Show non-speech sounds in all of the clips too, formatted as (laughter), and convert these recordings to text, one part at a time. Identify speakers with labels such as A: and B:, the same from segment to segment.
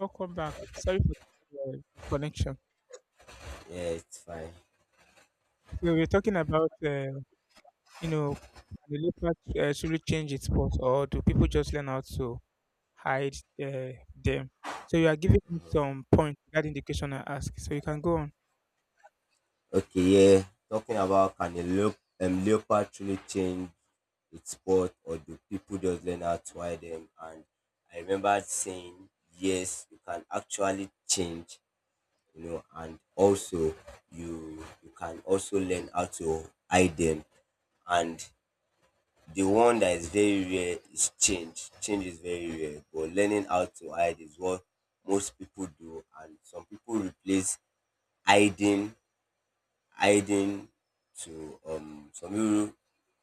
A: Welcome back. Sorry for that disconnection.
B: Yeah, it's fine.
A: So we're talking about, you know, can the leopard truly change its spots, or do people just learn how to hide them? So you are giving me some point regarding the question I asked. So you can go on.
B: Okay, yeah. Talking about can a leopard truly change its sport, or do people just learn how to ride them? And I remember saying, yes, you can actually change, you know, and also you can also learn how to hide them. And the one that is very rare is change. Change is very rare, but learning how to hide is what most people do, and some people replace hiding hiding to some people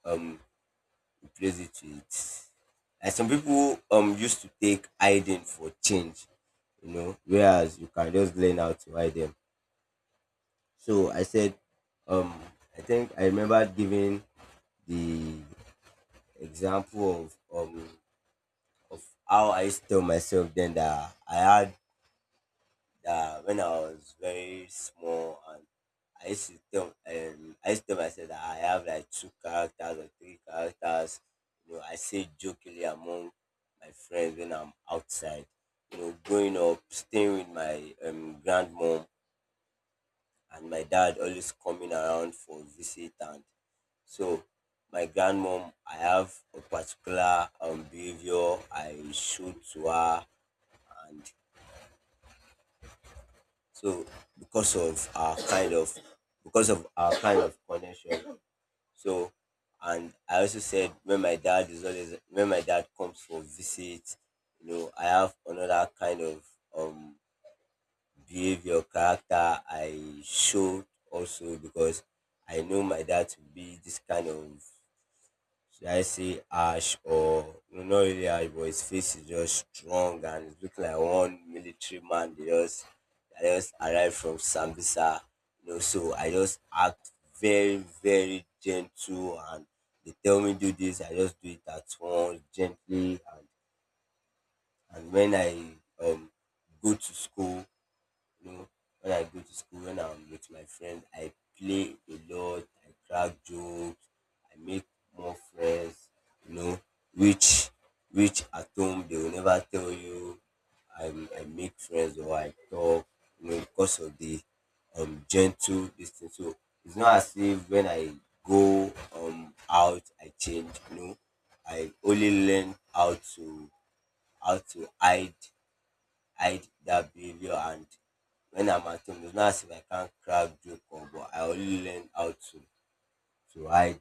B: um replace it with, like, some people used to take hiding for change, you know, whereas you can just learn how to hide them. So I said, um I think I remember giving the example of, how I used to tell myself then that I had that when I was very small, and I used to tell I used to tell myself that I have like two characters or three characters. You know, I say jokingly among my friends when I'm outside. You know, growing up, staying with my grandmom, and my dad always coming around for visit, and so my grandmom, I have a particular behavior I showed to her, and so because of our kind of because of our kind of connection. So and I also said when my dad comes for visit, you know, I have another kind of um behavior, character I showed, also because I know my dad to be this kind of, should I say ash, or no, not really ash, but his face is just strong and it looks like one military man. They just That just arrived from Sambisa. You know, so I just act very, very gentle, and they tell me do this, I just do it at once, gently, and when I um go to school, you know, when I go to school, when I'm with my friends, I play a lot, I crack jokes, I make more friends, you know, which at home they will never tell you. I, I make friends or I talk, you know, because of the gentle distance. So it's not as if when I go out I change, you know. I only learn how to hide, hide that behavior, and when I'm at home, it's not as if I can't crack joke, or but I only learn how to hide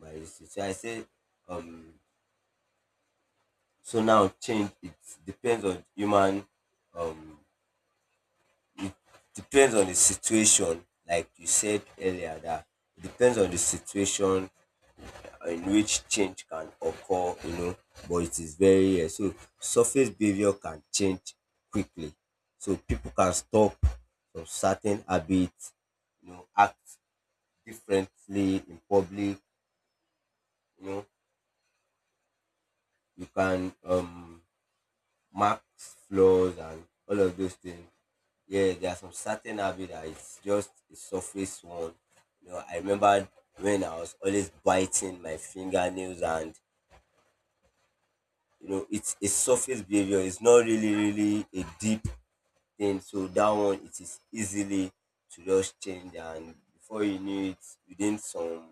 B: my issues. So I say, um so now change, it depends on human, um depends on the situation, like you said earlier, that it depends on the situation in which change can occur, you know, but it is very so surface behavior can change quickly. So people can stop from certain habits, you know, act differently in public, you know, you can mark flaws and all of those things. Yeah, there are some certain habit that it's just a surface one. You know, I remember when I was always biting my fingernails, and you know it's a surface behavior, it's not really really a deep thing, so that one it is easily to just change, and before you knew it, within some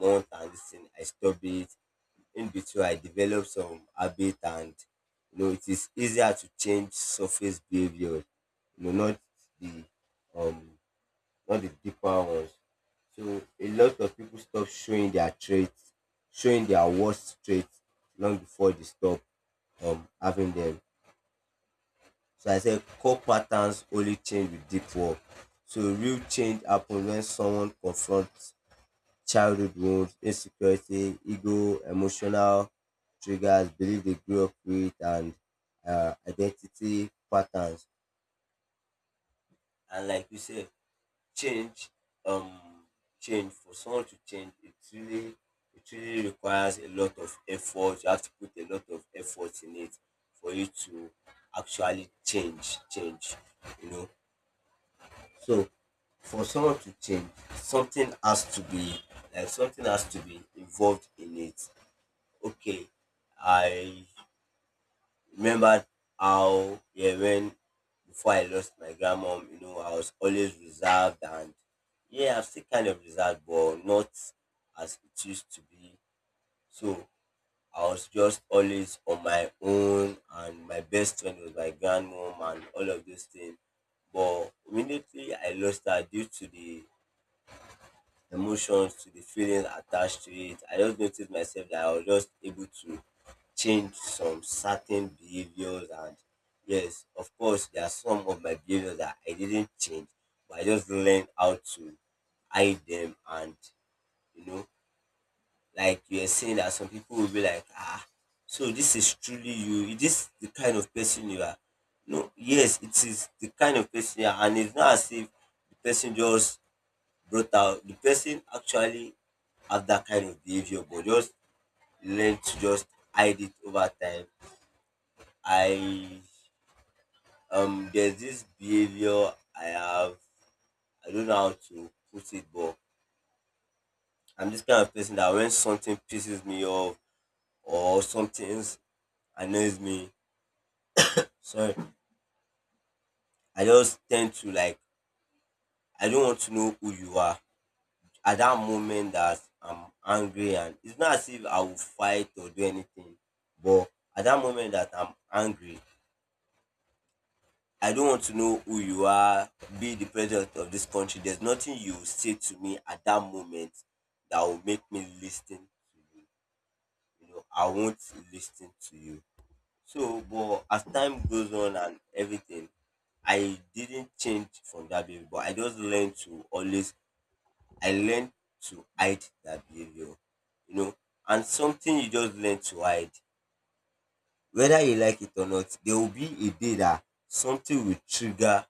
B: month and this thing I stop it. In between I develop some habit, and you know it is easier to change surface behavior, you know, not the um not the deeper ones. So a lot of people stop showing their traits, showing their worst traits long before they stop having them. So I said core patterns only change with deep work. So real change happens when someone confronts childhood wounds, insecurity, ego, emotional triggers, belief they grew up with, and identity patterns. And like you said, change um change, for someone to change, it really, it really requires a lot of effort, you have to put a lot of effort in it for you to actually change, you know. So for someone to change, something has to be, like something has to be involved in it. Okay, I remembered how, yeah, when before I lost my grandmom, you know, I was always reserved, and yeah, I'm still kind of reserved but not as it used to be. So I was just always on my own, and my best friend was my grandmom and all of those things. But immediately I lost her, due to the emotions, to the feelings attached to it, I just noticed myself that I was just able to change some certain behaviors, and yes, of course there are some of my behaviors that I didn't change, but I just learned how to hide them, and you know, like you are saying, that some people will be like, ah, so this is truly you, is this the kind of person you are? No, yes, it is the kind of person you are, and it's not as if the person just brutal. The person actually have that kind of behavior, but just learn to just hide it over time. I There's this behavior I have. I don't know how to put it, but I'm this kind of person that when something pisses me off, or something annoys me, sorry, I just tend to like, I don't want to know who you are at that moment that I'm angry, and it's not as if I will fight or do anything, but at that moment that I'm angry, I don't want to know who you are, be the president of this country. There's nothing you will say to me at that moment that will make me listen to you. You know, I won't listen to you. So, but as time goes on and everything, I didn't change from that baby, but I just learned to always, I learned to hide that behavior, you know, and something you just learn to hide, whether you like it or not, there will be a day that something will trigger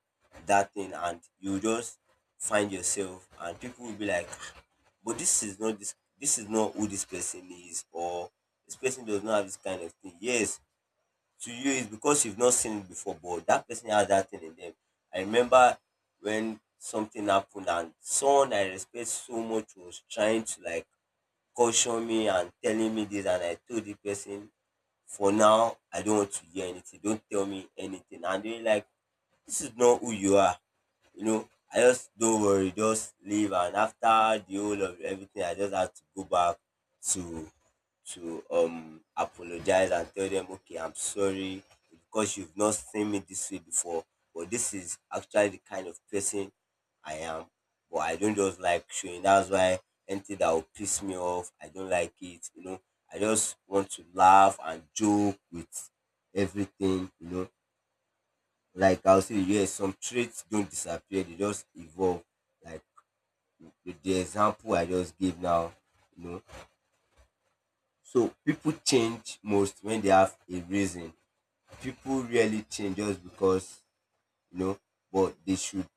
B: that thing, and you just find yourself, and people will be like, "Ah, but this is not, this is not who this person is, or this person does not have this kind of thing." Yes, to you is because you've not seen it before, but that person has that thing in them. I remember when something happened, and someone I respect so much was trying to like caution me and telling me this, and I told the person, for now, I don't want to hear anything. Don't tell me anything. And they're like, this is not who you are, you know, I just, don't worry, just leave. And after the whole of everything, I just had to go back to to apologize and tell them, okay, I'm sorry, because you've not seen me this way before. But this is actually the kind of person I am. But I don't just like showing. That's why anything that will piss me off, I don't like it. You know, I just want to laugh and joke with everything. You know, like I'll say yes, some traits don't disappear, they just evolve. Like the example I just gave now, you know. So people change most when they have a reason. People really change just because, you know, but they should,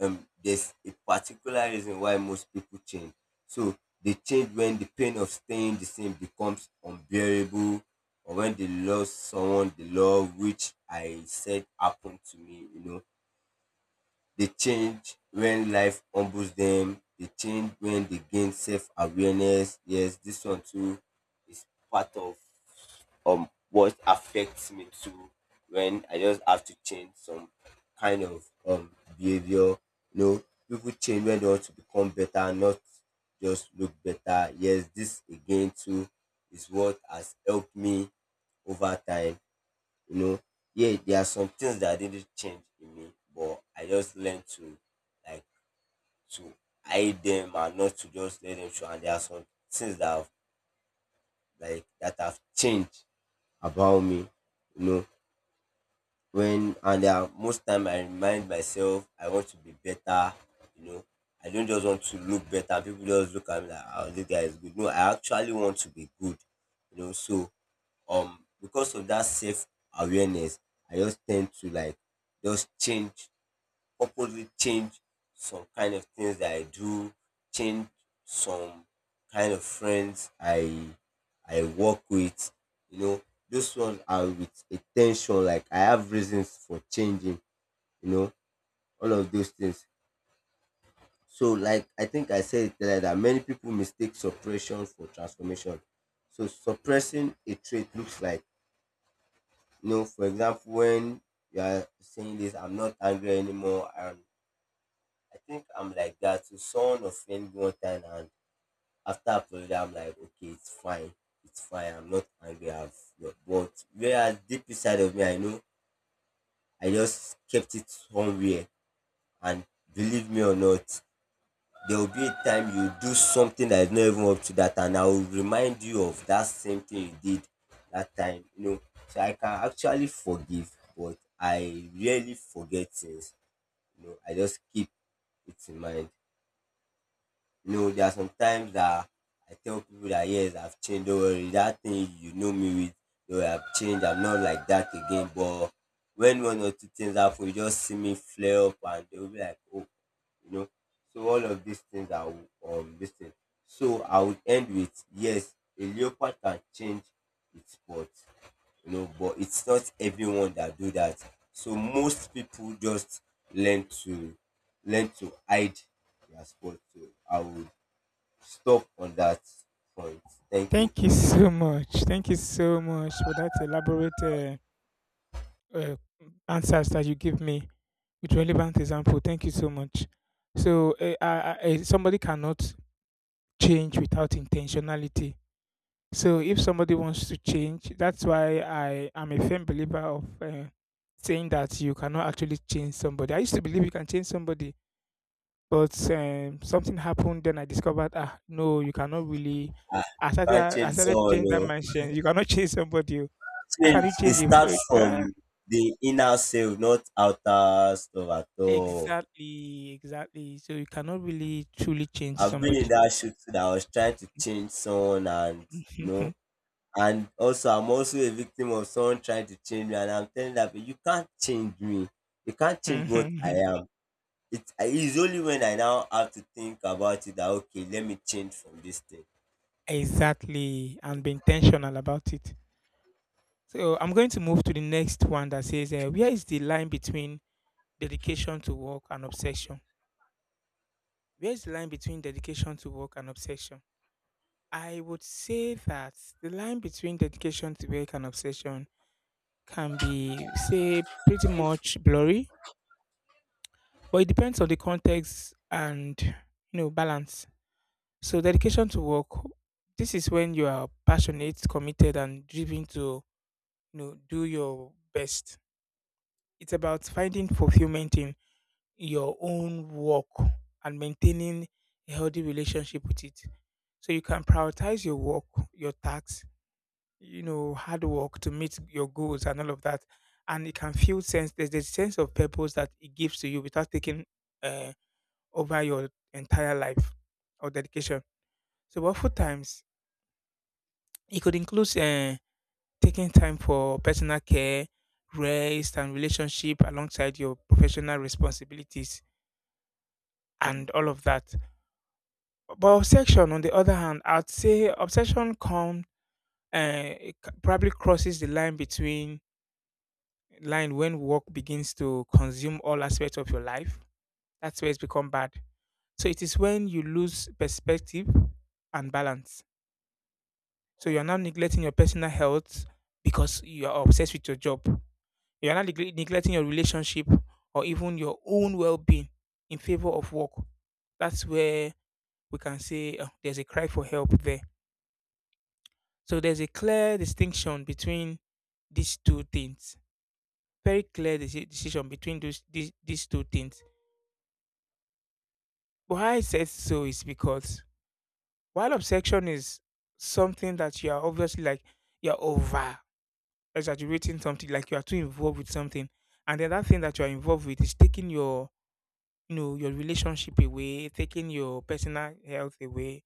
B: there's a particular reason why most people change. So they change when the pain of staying the same becomes unbearable, or when they lost someone they love, which I said happened to me, you know. They change when life humbles them. They change when they gain self awareness. Yes, this one too is part of what affects me too, when I just have to change some kind of behavior. You know, people change when they want to become better, not just look better. Yes, this again too is what has helped me over time, you know. Yeah, there are some things that didn't change in me, but I just learned to, like, to hide them, and not to just let them show. And there are some things that have, like that have changed about me, you know. When, and there are most time I remind myself I want to be better, you know. I don't just want to look better, people just look at me like, oh, this guy is good. No, I actually want to be good, you know. So because of that self awareness, I just tend to like just change, purposely change some kind of things that I do, change some kind of friends I work with, you know. Those ones are with attention, like I have reasons for changing, you know, all of those things. So, like I think I said it earlier, that many people mistake suppression for transformation. So suppressing a trait looks like, you know, for example, when you are saying this, I'm not angry anymore, and I think I'm like that. So someone offend me one time, and after apology, I'm like, okay, it's fine, it's fine. I'm not angry. I've but whereas deep inside of me, I know I just kept it somewhere. And believe me or not, there will be a time you do something that is not even up to that, and I will remind you of that same thing you did that time. So I can actually forgive, but I rarely forget things. I just keep it in mind. You know, there are sometimes that I tell people that yes, I've changed. Don't worry, that thing you know me with, though I've changed. I'm not like that again. But when one or two things happen, you just see me flare up, and they'll be like, oh, you know. So all of these things are this thing. So I would end with yes, a leopard can change its spot, but it's not everyone that do that. So most people just learn to learn to hide their spot. So I would stop on that point. Thank you.
A: Thank you so much. Thank you so much for that elaborate uh, answers that you give me with relevant example. Thank you so much. So somebody cannot change without intentionality. So if somebody wants to change, that's why I am a firm believer of saying that you cannot actually change somebody. I used to believe you can change somebody, but something happened. Then I discovered, ah, no, you cannot really.
B: Ah,
A: I
B: you
A: started,
B: can't
A: I
B: change
A: started
B: someone.
A: change that
B: Oh.
A: mindset. You cannot (laughs) change somebody. Oh. How
B: Change
A: can you
B: it
A: change
B: starts
A: it? Yeah,
B: from the inner self, not outer stuff at all.
A: exactly, exactly. So you cannot really truly change
B: I've been in
A: somebody.
B: that shoot that I was trying to change someone, and you know
A: (laughs)
B: and also I'm also a victim of someone trying to change me, and I'm telling that you can't change me. You can't change what I am. It is only when I now have to think about it that okay, let me change from this thing. So
A: Exactly, and be intentional about it. So I'm going to move to the next one that says, where is the line between dedication to work and obsession? Where is the line between dedication to work and obsession? I would say that the line between dedication to work and obsession can be, say, pretty much blurry, but it depends on the context and you know balance. So dedication to work, this is when you are passionate, committed, and driven to you know do your best. It's about finding fulfillment in your own work and maintaining a healthy relationship with it. So you can prioritize your work, your tasks, you know, hard work to meet your goals and all of that. And it can feel sense. There's a sense of purpose that it gives to you without taking uh, over your entire life or dedication. So, but for times, it could include taking time for personal care, rest, and relationship alongside your professional responsibilities and all of that. But obsession, on the other hand, I'd say obsession come probably crosses the line between line when work begins to consume all aspects of your life. That's where it's become bad. So it is when you lose perspective and balance. So you're now neglecting your personal health because you are obsessed with your job. You're now neglecting your relationship or even your own well-being in favor of work. That's where we can say there's a cry for help there. So there's a clear distinction between these two things. Very clear decision between these two things. Why I said so is because while obsession is something that you are obviously like you're over exaggerating something, like you are too involved with something, and the other thing that you are involved with is taking your you know your relationship away, taking your personal health away,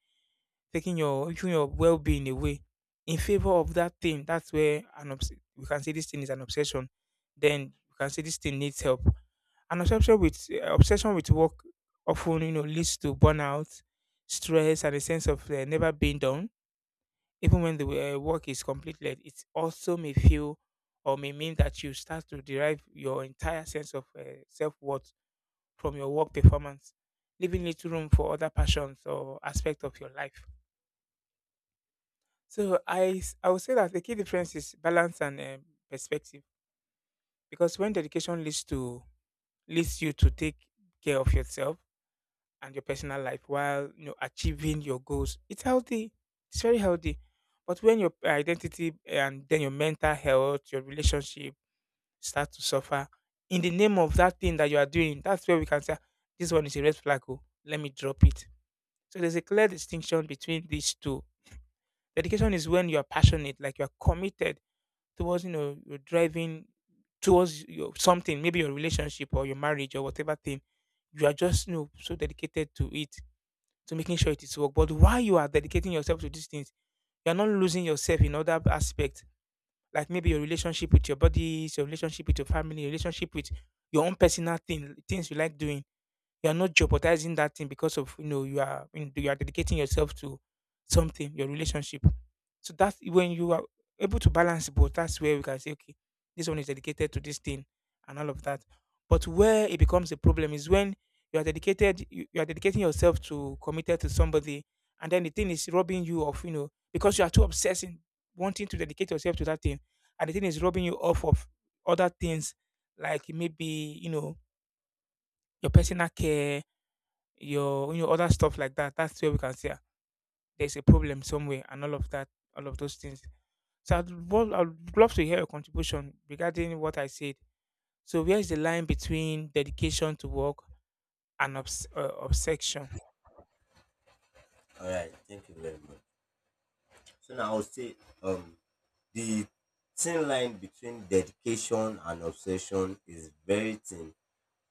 A: taking your well-being away in favor of that thing. That's where an we can say this thing is an obsession. Then we can say this thing needs help. An obsession with work often you know leads to burnout, stress, and a sense of never being done, even when the work is completed. It also may feel or may mean that you start to derive your entire sense of self-worth from your work performance, leaving little room for other passions or aspects of your life. So I would say that the key difference is balance and perspective, because when dedication leads to leads you to take care of yourself and your personal life while you know achieving your goals, it's healthy. It's very healthy. But when your identity and then your mental health, your relationship start to suffer in the name of that thing that you are doing, that's where we can say, "Ah, this one is a red flag. Oh, let me drop it." So there's a clear distinction between these two. Dedication is when you are passionate, like you are committed towards you know you're driving towards your something, maybe your relationship or your marriage or whatever thing you are just you know so dedicated to it, to making sure it is work. But while you are dedicating yourself to these things, you are not losing yourself in other aspects, like maybe your relationship with your body, your relationship with your family, your relationship with your own personal thing, things you like doing. You are not jeopardizing that thing because of you know you you are dedicating yourself to something, your relationship. So that's when you are able to balance both. That's where we can say, okay, this one is dedicated to this thing and all of that. But where it becomes a problem is when you are dedicating yourself to committed to somebody, and then the thing is robbing you of you know because you are too obsessed in wanting to dedicate yourself to that thing, and the thing is robbing you off of other things, like maybe you know your personal care, your you know other stuff like that. That's where we can see, ah, there's a problem somewhere and all of that, all of those things. So I'd love to hear your contribution regarding what I said. So where's the line between dedication to work and obsession?
B: all right, thank you very much. So now I would say um the thin line between dedication and obsession is very thin,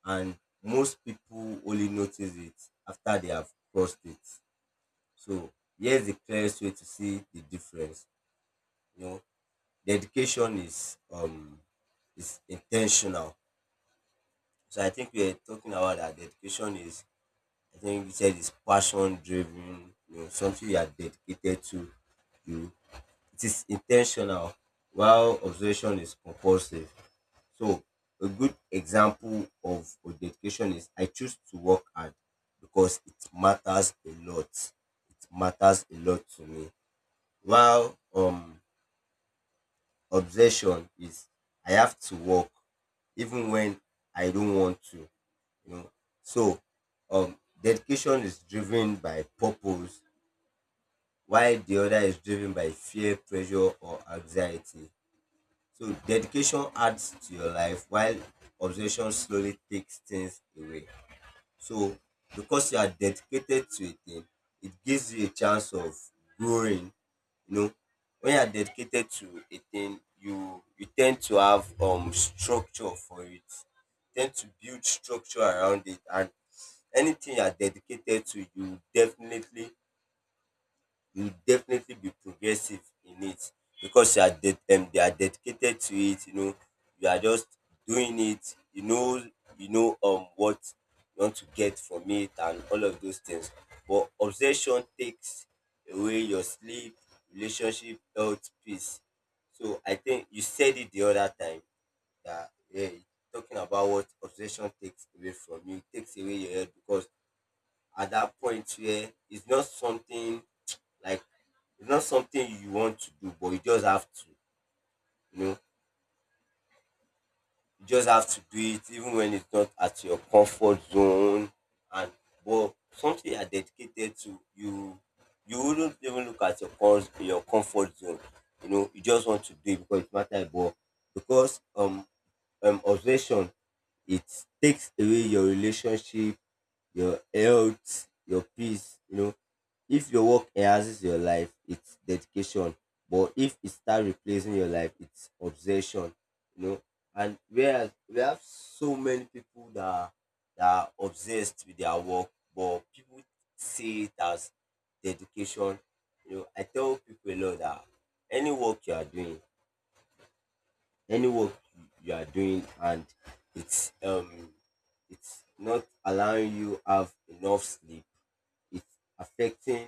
B: and most people only notice it after they have crossed it. So here's the clearest way to see the difference. You know, dedication is intentional. So I think we're talking about that dedication is, I think you said, is passion driven, you know, something you are dedicated to. You It is intentional while observation is compulsive. So a good example of a dedication is I choose to work hard because it matters a lot. It matters a lot to me. While obsession is I have to work even when I don't want to, you know. So um dedication is driven by purpose while the other is driven by fear, pressure or anxiety. So dedication adds to your life while obsession slowly takes things away. So because you are dedicated to a thing, it gives you a chance of growing. You know, when you are dedicated to a thing, you tend to have structure for it. Tend to build structure around it, and anything you are dedicated to, you will definitely be progressive in it because they are dedicated to it. You know, you are just doing it. You know what you want to get from it and all of those things. But obsession takes away your sleep, relationship, health, peace. So I think you said it the other time that yeah, talking about what obsession takes away from you, it takes away your health because at that point where it's not something, like, it's not something you want to do, but you just have to, you know, you just have to do it even when it's not at your comfort zone. And but something you are dedicated to, you wouldn't even look at your comfort zone. You know, you just want to do it because it matters. But because obsession, it takes away your relationship, your health, your peace. You know, if your work enhances your life, it's dedication, but if it start replacing your life, it's obsession you know and whereas we have so many people that are obsessed with their work, but people see it as dedication. You know, I tell people a lot that any work you are doing, any work and it's um it's not allowing you have enough sleep, it's affecting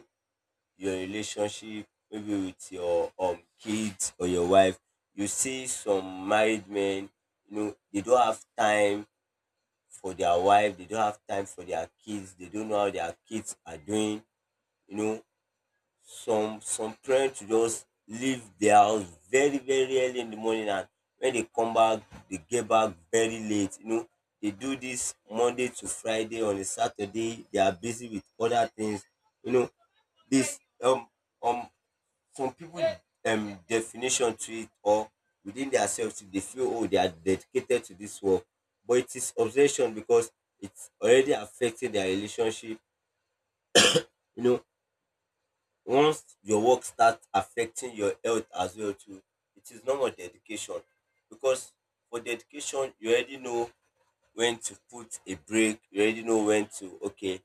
B: your relationship maybe with your kids or your wife. You see some married men, they don't have time for their wife, they don't have time for their kids, they don't know how their kids are doing you know some parents will just leave their house very very early in the morning, and when they come back, they get back very late. They do this Monday to Friday. On a Saturday they are busy with other things you know this um some people definition to it, or within themselves they feel oh they are dedicated to this work. But it is obsession because it's already affecting their relationship. You know, once your work starts affecting your health as well too, it is no more dedication. Because for dedication, you already know when to put a break, you already know when to okay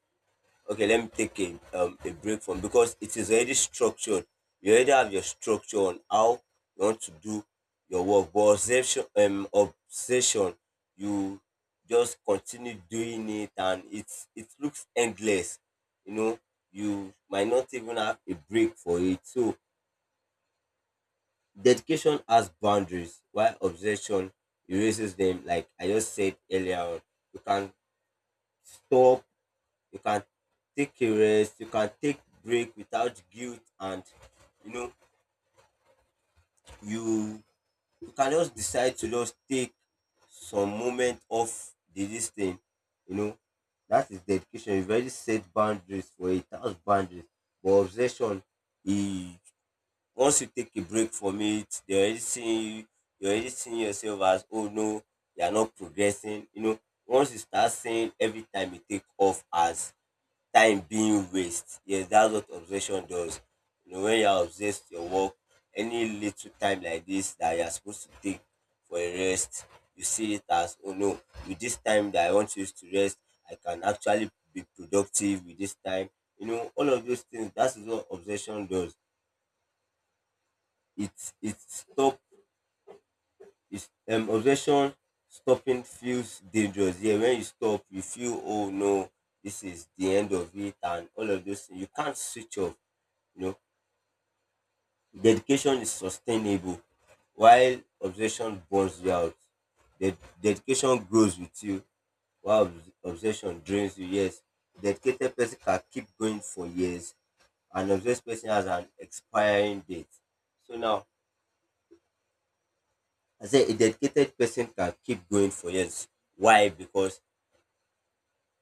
B: okay let me take a break from, because it is already structured. You already have your structure on how you want to do your work. But obsession, you just continue doing it, and it looks endless you know you might not even have a break for it. So dedication has boundaries while obsession erases them, like I just said earlier on. You can stop, you can take a rest, you can take break without guilt. And you know you you can just decide to just take some moment off the this thing, you know. That is dedication. You've already set boundaries for it, that's boundaries. But obsession, e once you take a break from it, they already seeing you you already seeing yourself as oh no, you are not progressing. Once you start seeing every time you take off as time being waste. Yes, that's what obsession does. You know, when you're obsessed with your work, any little time like this that you're supposed to take for a rest, you see it as, oh no, with this time that I want to use to rest, I can actually be productive with this time. You know, all of those things, that is what obsession does. It it stop it's obsession stopping feels dangerous. Yeah, when you stop, you feel oh no, this is the end of it and all of those things. You can't switch off you know Dedication is sustainable while obsession burns you out. Ded- Dedication grows with you while obsession drains you. Yes, dedicated person can keep going for years. An obsessed person has an expiring date. So now, I say a dedicated person can keep going for years. Why? Because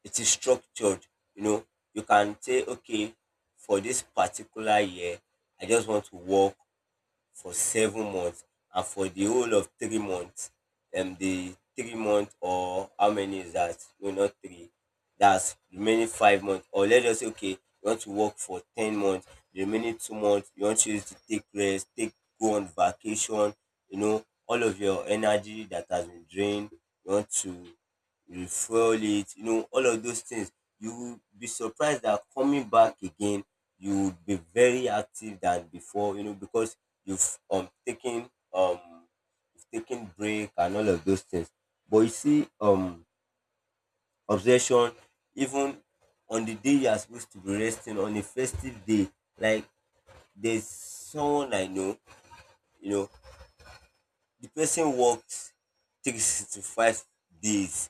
B: it is structured. You know, you can say, okay, for this particular year, I just want to work for 7 months, and for the whole of 3 months, the 3 months, or how many is that, no, not three, that's remaining 5 months. Or let's say okay, you want to work for 10 months, the remaining 2 months you want to use to take rest, take go on vacation. You know, all of your energy that has been drained, you want to you fuel it, you know, all of those things. You will be surprised that coming back again, you will be very active than before, you know, because you've um taken um you've taken break and all of those things. But you see, obsession, even on the day you are supposed to be resting, on a festive day, like there's someone I know, you know, the person works 365 days.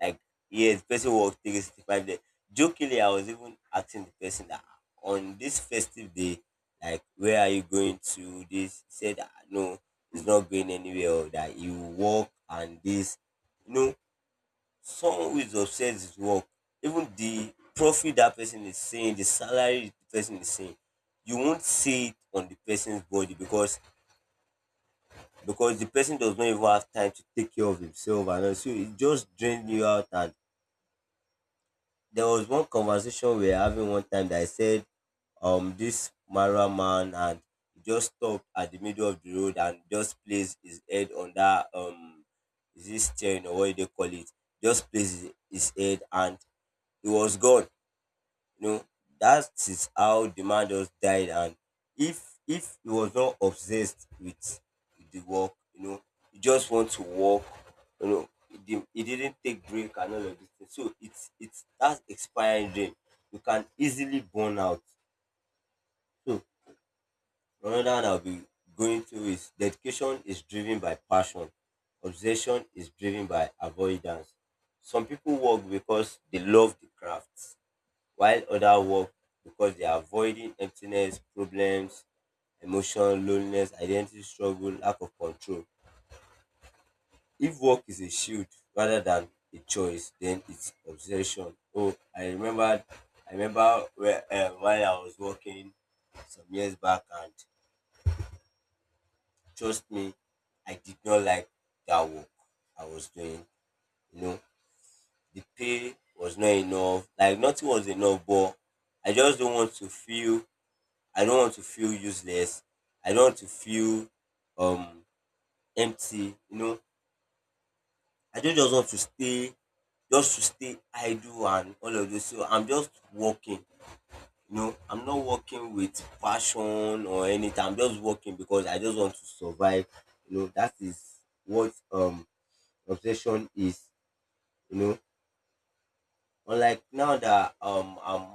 B: Like, yes, person worked 365 days. Jokingly, I was even asking the person that on this festive day, like, where are you going to? This he said, "Ah, no, it's not going anywhere." Or that you work, and this, you know, someone who is obsessed with work, even the profit that person is saying, the salary the person is saying, you won't see it on the person's body because the person does not even have time to take care of himself and all. So it just drains you out. And there was one conversation we were having one time that I said, this Marwa man, and he just stopped at the middle of the road and just placed his head on that, is this chain or what do they call it? Just placed his head, and he was gone. You know, that is how the man just died. And if he was not obsessed with the work, you know, he just want to work, you know, he didn't take break and all of this. Thing. So it's that's expiring dream. You can easily burn out. So another one I'll be going through is dedication is driven by passion. Obsession is driven by avoidance. Some people work because they love the craft while others work because they are avoiding emptiness, problems, emotion, loneliness, identity struggle, lack of control. If work is a shield rather than a choice, then it's obsession. Oh, I remember where, while I was working some years back, and trust me, I did not like that work I was doing. You know, the pay was not enough. Like nothing was enough, but I just don't want to feel I don't want to feel useless. I don't want to feel um empty. You know, I don't just want to stay just to stay idle and all of this. So I'm just working. You know, I'm not working with passion or anything. I'm just working because I just want to survive. You know, that is what obsession is. You know, unlike now that um I'm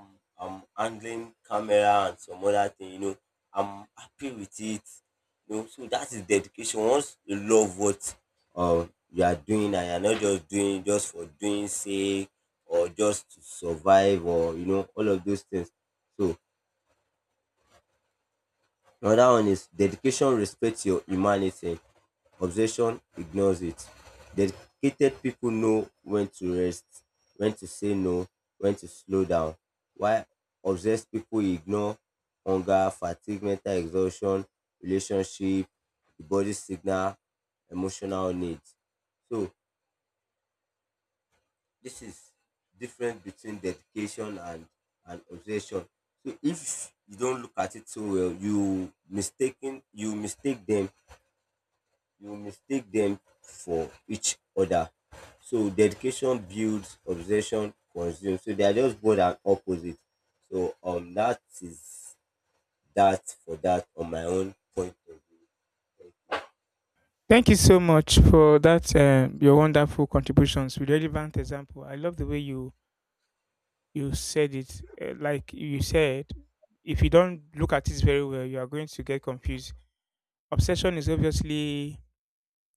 B: I'm handling camera and some other thing, you know, I'm happy with it. You know, so that is dedication. Once you love what you are doing, and you're not just doing just for doing sake or just to survive, or you know, all of those things. So another one is dedication respects your humanity, obsession ignores it. Dedicated people know when to rest, when to say no, when to slow down, while obsessed people ignore hunger, fatigue, mental exhaustion, relationship, the body signal, emotional needs. So this is difference between dedication and obsession. So if you don't look at it so well, you mistaken you mistake them for each other. So dedication builds, obsession consumes. So they are just both and opposite. So that is that for that on my own point of view. Thank
A: Thank you so much for that your wonderful contributions with relevant example. I love the way you said it, like you said, if you don't look at it very well, you are going to get confused. Obsession is obviously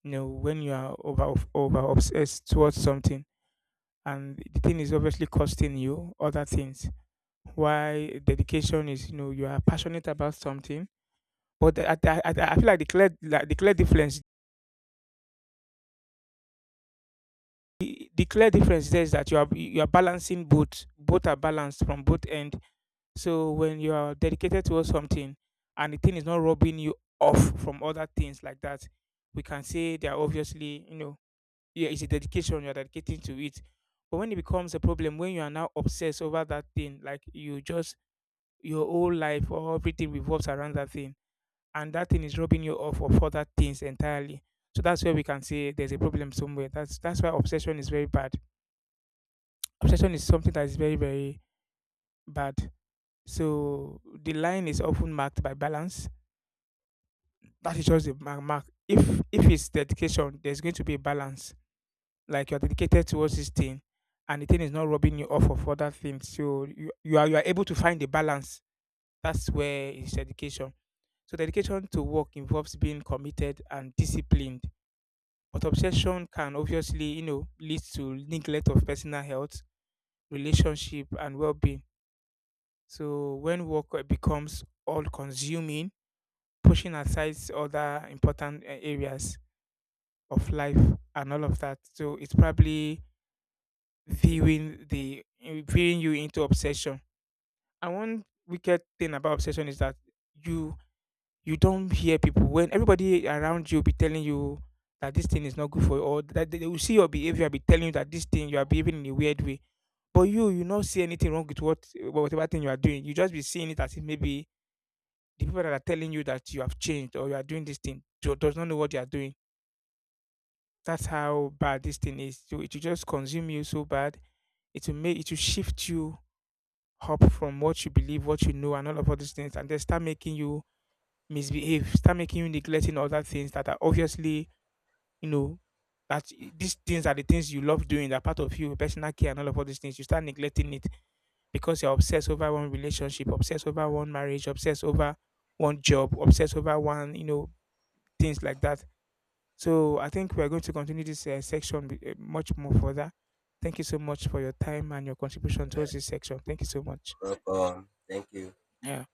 A: you know when you are over obsessed towards something, and the thing is obviously costing you other things. Why dedication is you know you are passionate about something. But I feel like the clear difference, the clear difference there is that you are balancing both. Both are balanced from both end. So when you are dedicated towards something and the thing is not robbing you off from other things like that, we can say they are obviously, you know, yeah, it's a dedication, you're dedicating to it. But when it becomes a problem, when you are now obsessed over that thing, like you just your whole life or everything revolves around that thing, and that thing is robbing you off of other things entirely. So that's where we can say there's a problem somewhere. That's why obsession is very bad. Obsession is something that is very very bad. So the line is often marked by balance. That is just the mark. If it's dedication, there's going to be a balance, like you're dedicated towards this thing and the thing is not robbing you off of other things, so you are able to find a balance. That's where is dedication. So dedication to work involves being committed and disciplined, but obsession can obviously you know lead to neglect of personal health, relationship, and well-being. So when work becomes all consuming, pushing aside other important areas of life and all of that, so it's probably viewing you into obsession. And one wicked thing about obsession is that you you don't hear people when everybody around you be telling you that this thing is not good for you, or that they will see your behavior be telling you that this thing you are behaving in a weird way. But you not see anything wrong with what whatever thing you are doing. You just be seeing it as if maybe the people that are telling you that you have changed or you are doing this thing does not know what you are doing. That's how bad this thing is. So it will just consume you so bad. It will make it will shift you up from what you believe, what you know, and all of all these things, and they start making you misbehave, start making you neglecting other things that are obviously, you know, that these things are the things you love doing, that part of you, personal care, and all of all these things. You start neglecting it because you're obsessed over one relationship, obsessed over one marriage, obsessed over one job, obsessed over one, you know, things like that. So I think we're going to continue this section with, much more further. Thank you so much for your time and your contribution towards this section. Thank you so much.
B: you. Welcome. Thank you.
A: Yeah.